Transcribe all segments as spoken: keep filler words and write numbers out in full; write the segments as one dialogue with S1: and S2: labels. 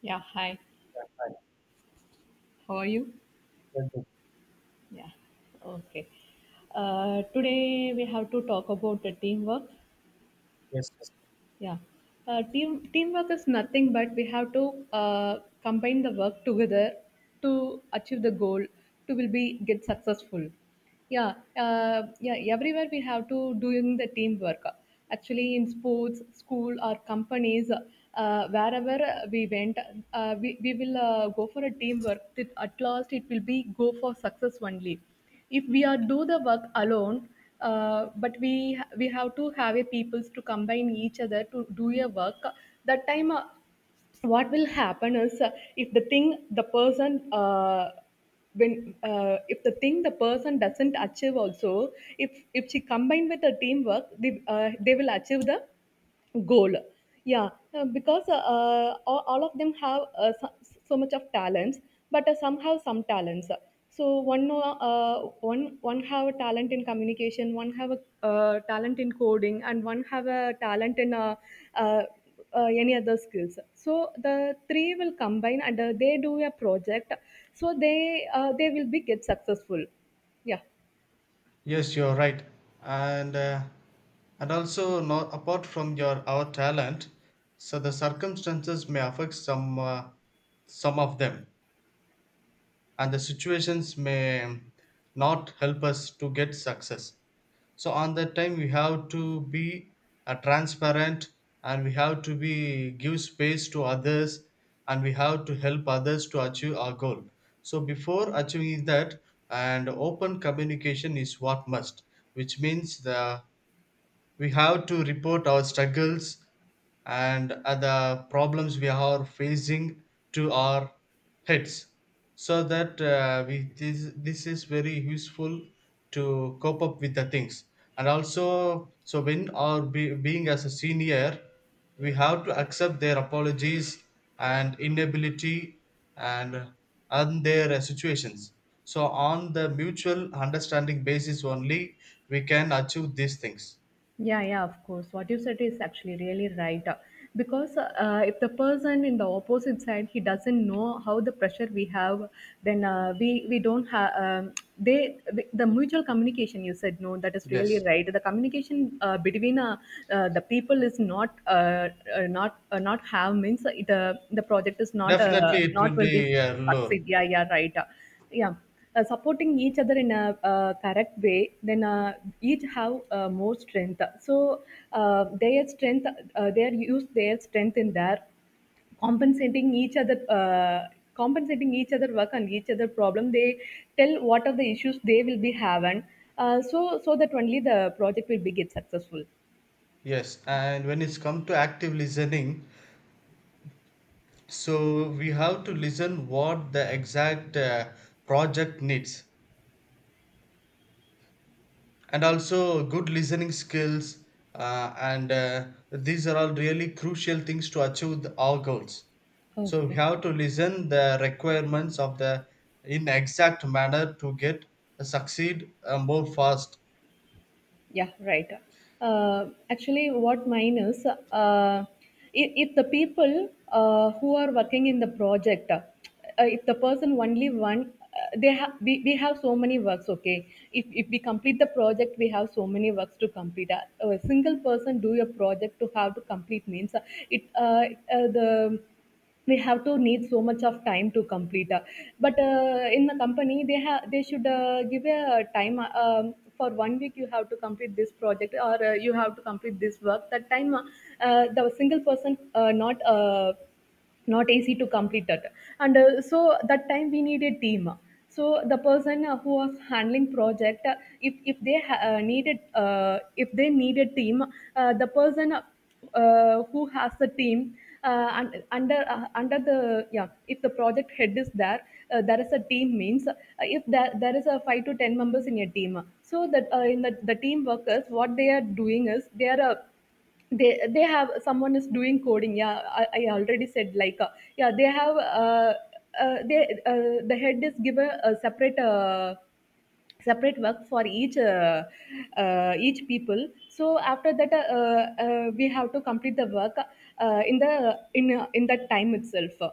S1: Yeah, hi.
S2: Right.
S1: How are you?
S2: Well.
S1: Yeah, okay. Uh, today we have to talk about the teamwork.
S2: Yes.
S1: Yeah, uh, team teamwork is nothing but we have to uh, combine the work together to achieve the goal to will be get successful. Yeah, uh, yeah. Everywhere we have to doing the teamwork. Actually, in sports, school, or companies, uh, wherever we went, uh, we, we will uh, go for a teamwork. That at last, it will be go for success only. If we are do the work alone, uh, but we we have to have a peoples to combine each other to do a work. That time, uh, what will happen is uh, if the thing the person uh, when uh, if the thing the person doesn't achieve also if if she combined with the teamwork, they, uh, they will achieve the goal. Yeah, uh, because uh, uh, all, all of them have uh, so, so much of talents, but uh, some have some talents. So one know, uh, one one have a talent in communication, one have a uh, talent in coding, and one have a talent in uh, uh, uh, any other skills, so the three will combine and uh, they do a project, so they uh, they will be get successful. Yeah.
S2: Yes, you're right. And uh, and also not apart from your our talent, so the circumstances may affect some uh, some of them, and the situations may not help us to get success, so on that time we have to be uh, transparent, and we have to be give space to others, and we have to help others to achieve our goal. So before achieving that, and open communication is what must, which means the we have to report our struggles and other problems we are facing to our heads, so that uh, we this, this is very useful to cope up with the things. And also so when our be, being as a senior, we have to accept their apologies and inability and and their uh, situations. So on the mutual understanding basis only we can achieve these things.
S1: Yeah, yeah, of course. What you said is actually really right. Uh, because uh, if the person in the opposite side he doesn't know how the pressure we have, then uh, we we don't have um, they the, the mutual communication. You said no, that is really
S2: Yes,
S1: right. The communication uh, between uh, uh, the people is not uh, uh, not uh, not have means it, uh, the project is not uh,
S2: definitely it
S1: not
S2: will
S1: will be
S2: be a lure.
S1: succeed. Yeah, yeah, right. uh yeah uh, supporting each other in a uh, correct way, then uh, each have uh, more strength. So uh, their strength uh, they use their strength in their compensating each other uh, compensating each other work and each other problem. They tell what are the issues they will be having, uh, so so that only the project will be get successful.
S2: Yes, and when it's come to active listening, so we have to listen what the exact uh, project needs, and also good listening skills, uh, and uh, these are all really crucial things to achieve the, our goals. So we
S1: Okay.
S2: have to listen the requirements of the in exact manner to get uh, succeed uh, more fast.
S1: Yeah, right. Uh, actually, what mine is, uh, if, if the people uh, who are working in the project, uh, if the person only one, uh, they have we, we have so many works. Okay, if if we complete the project, we have so many works to complete. Uh, a single person do a project to have to complete means uh, it uh, uh, the we have to need so much of time to complete, uh, but uh, in the company they have they should uh, give a time, uh, um, for one week you have to complete this project or uh, you have to complete this work. That time uh, uh, the single person uh, not uh, not easy to complete that. And uh, so that time we need a team. So the person uh, who was handling project, uh, if if they ha- uh, needed uh, if they need a team, uh, the person uh, who has the team, uh, un- under uh, under the, yeah, if the project head is there, uh, there is a team means uh, if there, there is a five to ten members in a team. So that uh, in the, the team workers what they are doing is they are uh, they they have someone is doing coding. yeah i, I already said like uh, yeah they have uh, uh, they uh, the head is given a separate uh, separate work for each uh, uh, each people. So after that uh, uh, we have to complete the work uh, in the in uh, in that time itself.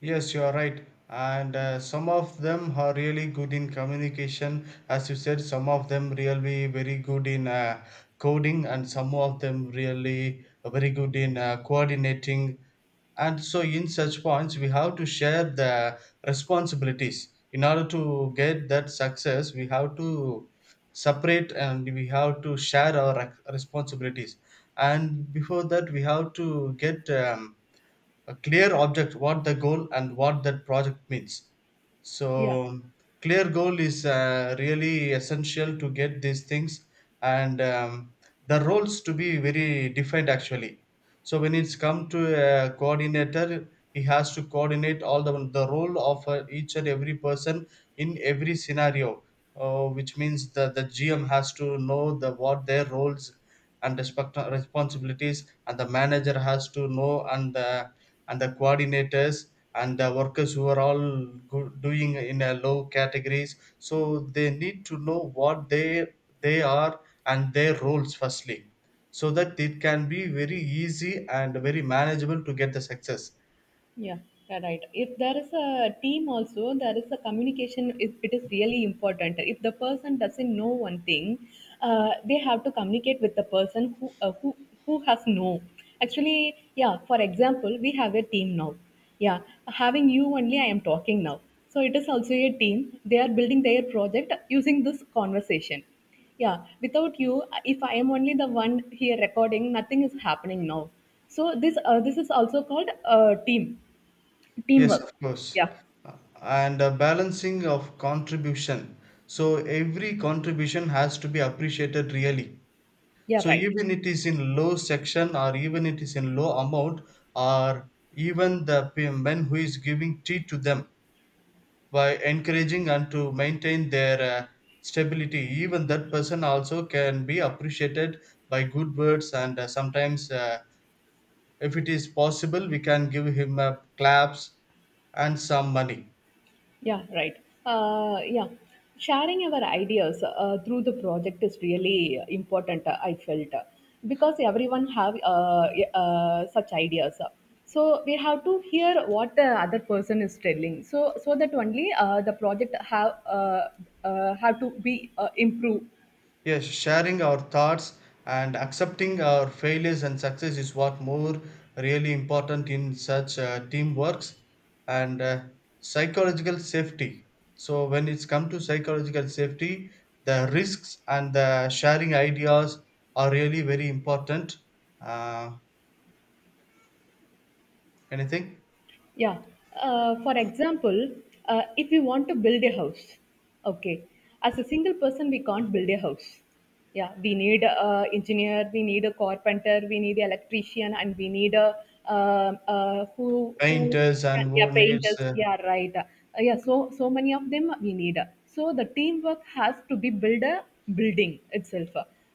S2: Yes, you are right. And uh, some of them are really good in communication. As you said, some of them really very good in uh, coding, and some of them really very good in uh, coordinating. And so, in such points, we have to share the responsibilities. In order to get that success, we have to separate and we have to share our rec- responsibilities. And before that, we have to get um, a clear object what the goal and what that project means. So
S1: Yeah.
S2: clear goal is uh, really essential to get these things, and um, the roles to be very defined actually. So when it's come to a coordinator, he has to coordinate all the the role of uh, each and every person in every scenario, uh, which means that the gm has to know the what their roles and respect responsibilities, and the manager has to know, and the and the coordinators and the workers who are all go- doing in a low categories. So they need to know what they they are and their roles firstly, so that it can be very easy and very manageable to get the success.
S1: Yeah, you're right. If there is a team also, there is a communication. It, it is really important. If the person doesn't know one thing, uh, they have to communicate with the person who uh, who who has know. Actually, yeah. For example, we have a team now. Yeah, having you only, I am talking now. So it is also a team. They are building their project using this conversation. Yeah, without you, if I am only the one here recording, nothing is happening now. So this uh, this is also called uh, team.
S2: Yes,
S1: Teamwork.
S2: of course.
S1: Yeah,
S2: Uh, And a balancing of contribution. So every contribution has to be appreciated really.
S1: yeah,
S2: So
S1: right.
S2: even it is in low section, or even it is in low amount, or even the p- men who is giving tea to them by encouraging and to maintain their uh, stability, even that person also can be appreciated by good words and uh, sometimes uh, if it is possible we can give him uh, claps and some money.
S1: Yeah, right. Uh, yeah, sharing our ideas uh, through the project is really important. Uh, I felt uh, because everyone have uh, uh, such ideas, so we have to hear what the other person is telling. So so that only uh, the project have uh, uh, have to be uh, improved.
S2: Yes, sharing our thoughts and accepting our failures and success is what more really important in such uh, teamworks and uh, psychological safety. So when it's come to psychological safety, the risks and the sharing ideas are really very important. Uh, Anything
S1: Yeah. Uh, for example, uh, if we want to build a house, okay, as a single person, we can't build a house. Yeah, we need a engineer, we need a carpenter, we need an electrician, and we need a uh, uh, who who who
S2: painters
S1: can,
S2: and
S1: yeah,
S2: who needs
S1: painters.
S2: uh,
S1: Yeah, right. Uh, yeah, so so many of them we need. So the teamwork has to be build a building itself.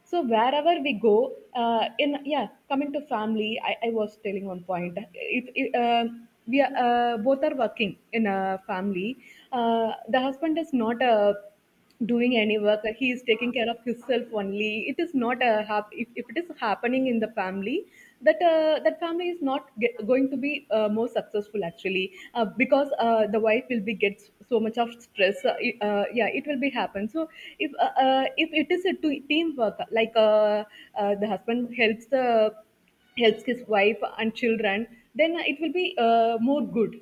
S1: So wherever we go uh, in, yeah, coming to family, i, I was telling one point. if, if uh, we are uh, both are working in a family, uh, the husband is not uh, doing any work, he is taking care of himself only. It is not a hap- if, if it is happening in the family, that uh, uh, that family is not get, going to be uh, more successful actually. Uh, because uh, the wife will be gets so much of stress. Uh, it- uh, yeah, it will be happen. So if uh, uh, if it is a two- teamwork, like uh, uh, the husband helps the helps his wife and children, then it will be uh, more good.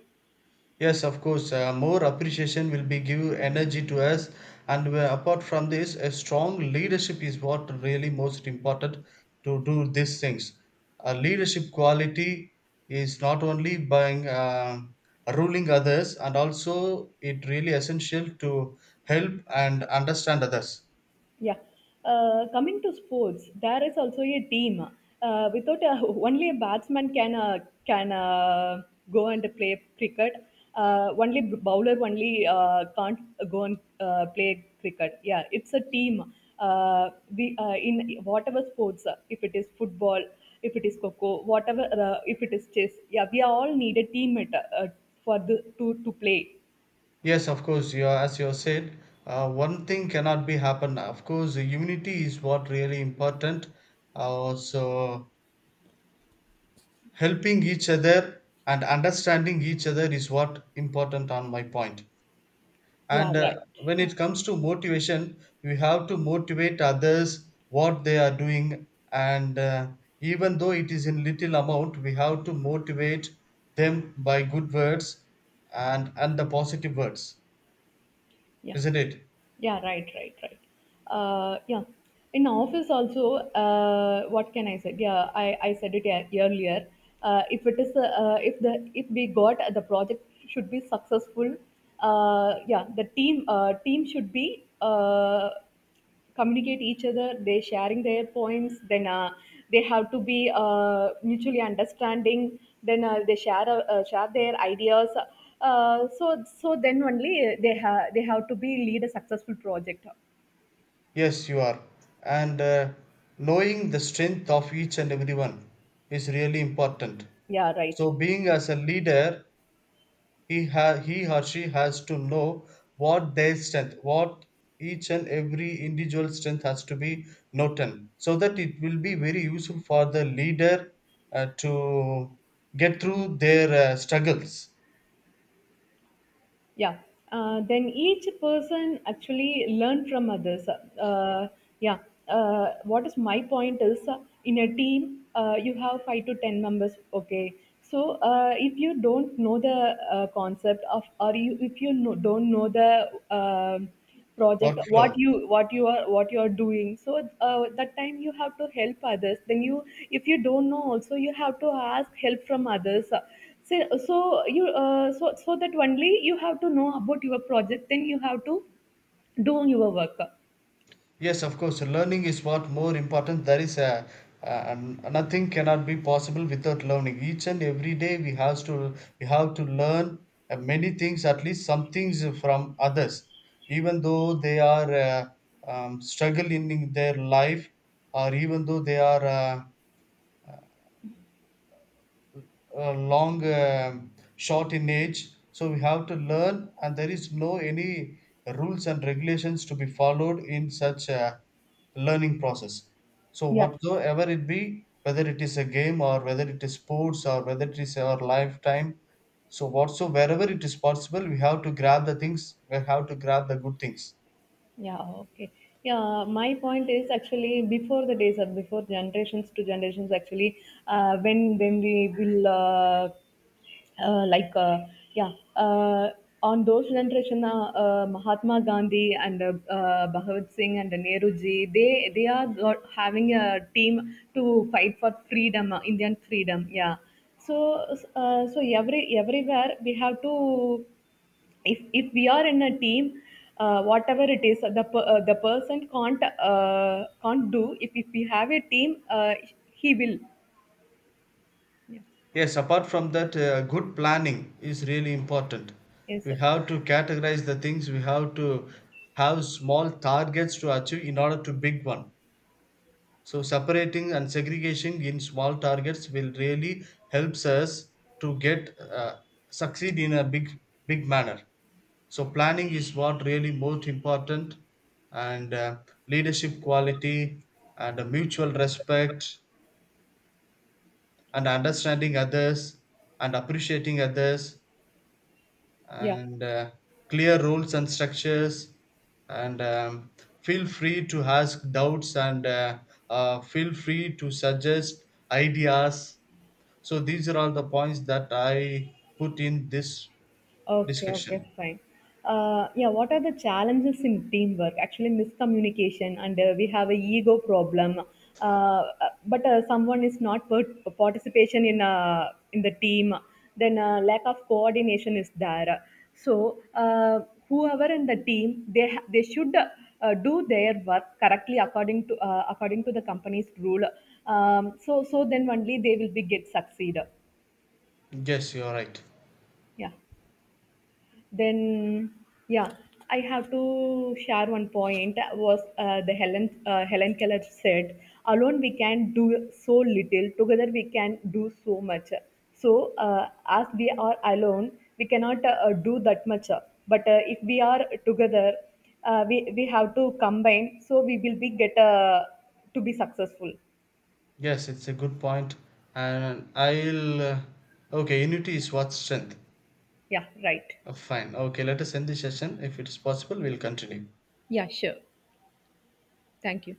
S2: Yes, of course, uh, more appreciation will be give energy to us. And uh, apart from this, a strong leadership is what really most important to do these things. Uh, leadership quality is not only by uh, ruling others, and also it really essential to help and understand others.
S1: Yeah. Uh, coming to sports, there is also a team. Uh, without a, only a batsman can uh, can uh, go and play cricket. Uh, only bowler only uh, can't go and uh, play cricket. Yeah, it's a team. Uh, we uh, In whatever sports, uh, if it is football, if it is coco, whatever, uh, if it is chess. Yeah, we all need a teammate uh, for the to to play.
S2: Yes, of course. You are, as you have said, uh, one thing cannot be happen. Of course, unity is what really important. Uh, so helping each other and understanding each other is what important on my point point.
S1: Yeah,
S2: And uh,
S1: right.
S2: when
S1: Uh,
S2: it comes to motivation, we have to motivate others what they are doing, and uh, even though it is in little amount, we have to motivate them by good words and and the positive words,
S1: yeah.
S2: isn't it?
S1: Yeah, right, right, right. Uh, yeah. In office also, uh, what can I say? Yeah, I, I said it ear- earlier. Uh, if it is, uh, uh, if the if we got the project should be successful, uh, yeah, the team uh, team should be uh, communicate each other, they sharing their points, then uh, they have to be uh, mutually understanding, then uh, they share uh, uh, share their ideas, uh, so so then only they have they have to be lead a successful project.
S2: Yes, you are. And uh, knowing the strength of each and everyone is really important.
S1: Yeah, right.
S2: So being as a leader, he, ha- he or she has to know what their strength, what each and every individual strength has to be noted, so that it will be very useful for the leader uh, to get through their uh, struggles,
S1: Yeah, uh, then each person actually learn from others, uh, yeah, uh, what is my point is uh, in a team uh, you have five to ten members, okay. So uh, if you don't know the uh, concept of or you, if you know, don't know the, um, project what
S2: workflow.
S1: you what you are what you are doing. So uh, that time you have to help others. Then you, if you don't know also, you have to ask help from others. So, so you uh, so so that only you have to know about your project, then you have to do your work.
S2: Yes, of course. Learning is what more important. There is a, a nothing cannot be possible without learning. Each and every day we have to we have to learn uh, many things, at least some things from others, even though they are uh, um, struggling in their life, or even though they are uh, uh, long um short in age. So we have to learn, and there is no any rules and regulations to be followed in such a learning process. So
S1: Yeah.
S2: whatsoever it be, whether it is a game, or whether it is sports, or whether it is our lifetime, so whatso wherever it is possible, we have to grab the things, we have to grab the good things.
S1: Yeah, okay. Yeah, my point is actually before the days of before generations to generations actually, uh, when when we will uh, uh, like uh, yeah uh, on those generation, uh, uh, Mahatma Gandhi and uh, uh, Bhagat Singh and Nehru ji, they they are got, having a team to fight for freedom, uh, Indian freedom. Yeah, so uh, so every everywhere we have to, if if we are in a team, uh, whatever it is uh, the per- uh, the person can't uh, can't do. if if we have a team, uh, he will. Yeah.
S2: Yes, apart from that, uh, good planning is really important.
S1: Yes,
S2: We
S1: of course.
S2: have to categorize the things, we have to have small targets to achieve in order to big one. So, separating and segregation in small targets will really helps us to get uh, succeed in a big big manner. So, planning is what really most important, and uh, leadership quality, and uh, mutual respect, and understanding others, and appreciating others,
S1: Yeah.
S2: and uh, clear rules and structures, and um, feel free to ask doubts, and uh, uh, feel free to suggest ideas. So these are all the points that I put in this
S1: Okay, okay,
S2: discussion.
S1: fine. Uh, yeah, what are the challenges in teamwork? Actually, miscommunication, and uh, we have a ego problem. Uh, uh, but uh, Someone is not part- participation in uh, in the team, then uh, lack of coordination is there. So uh, whoever in the team, they ha- they should uh, do their work correctly according to uh, according to the company's rule. Um, so so then only they will be get succeed.
S2: Yes, you're right.
S1: Yeah. Then, yeah, I have to share one point was uh, the Helen uh, Helen Keller said, "Alone we can do so little; together we can do so much." So, uh, as we are alone, we cannot uh, do that much. But uh, if we are together, uh, we we have to combine, so we will be get uh, to be successful.
S2: Yes, it's a good point. And I'll uh, okay, unity is what strength.
S1: Yeah, right.
S2: Uh, fine, okay, let us end this session. If it's possible, we'll continue.
S1: Yeah, sure. Thank you.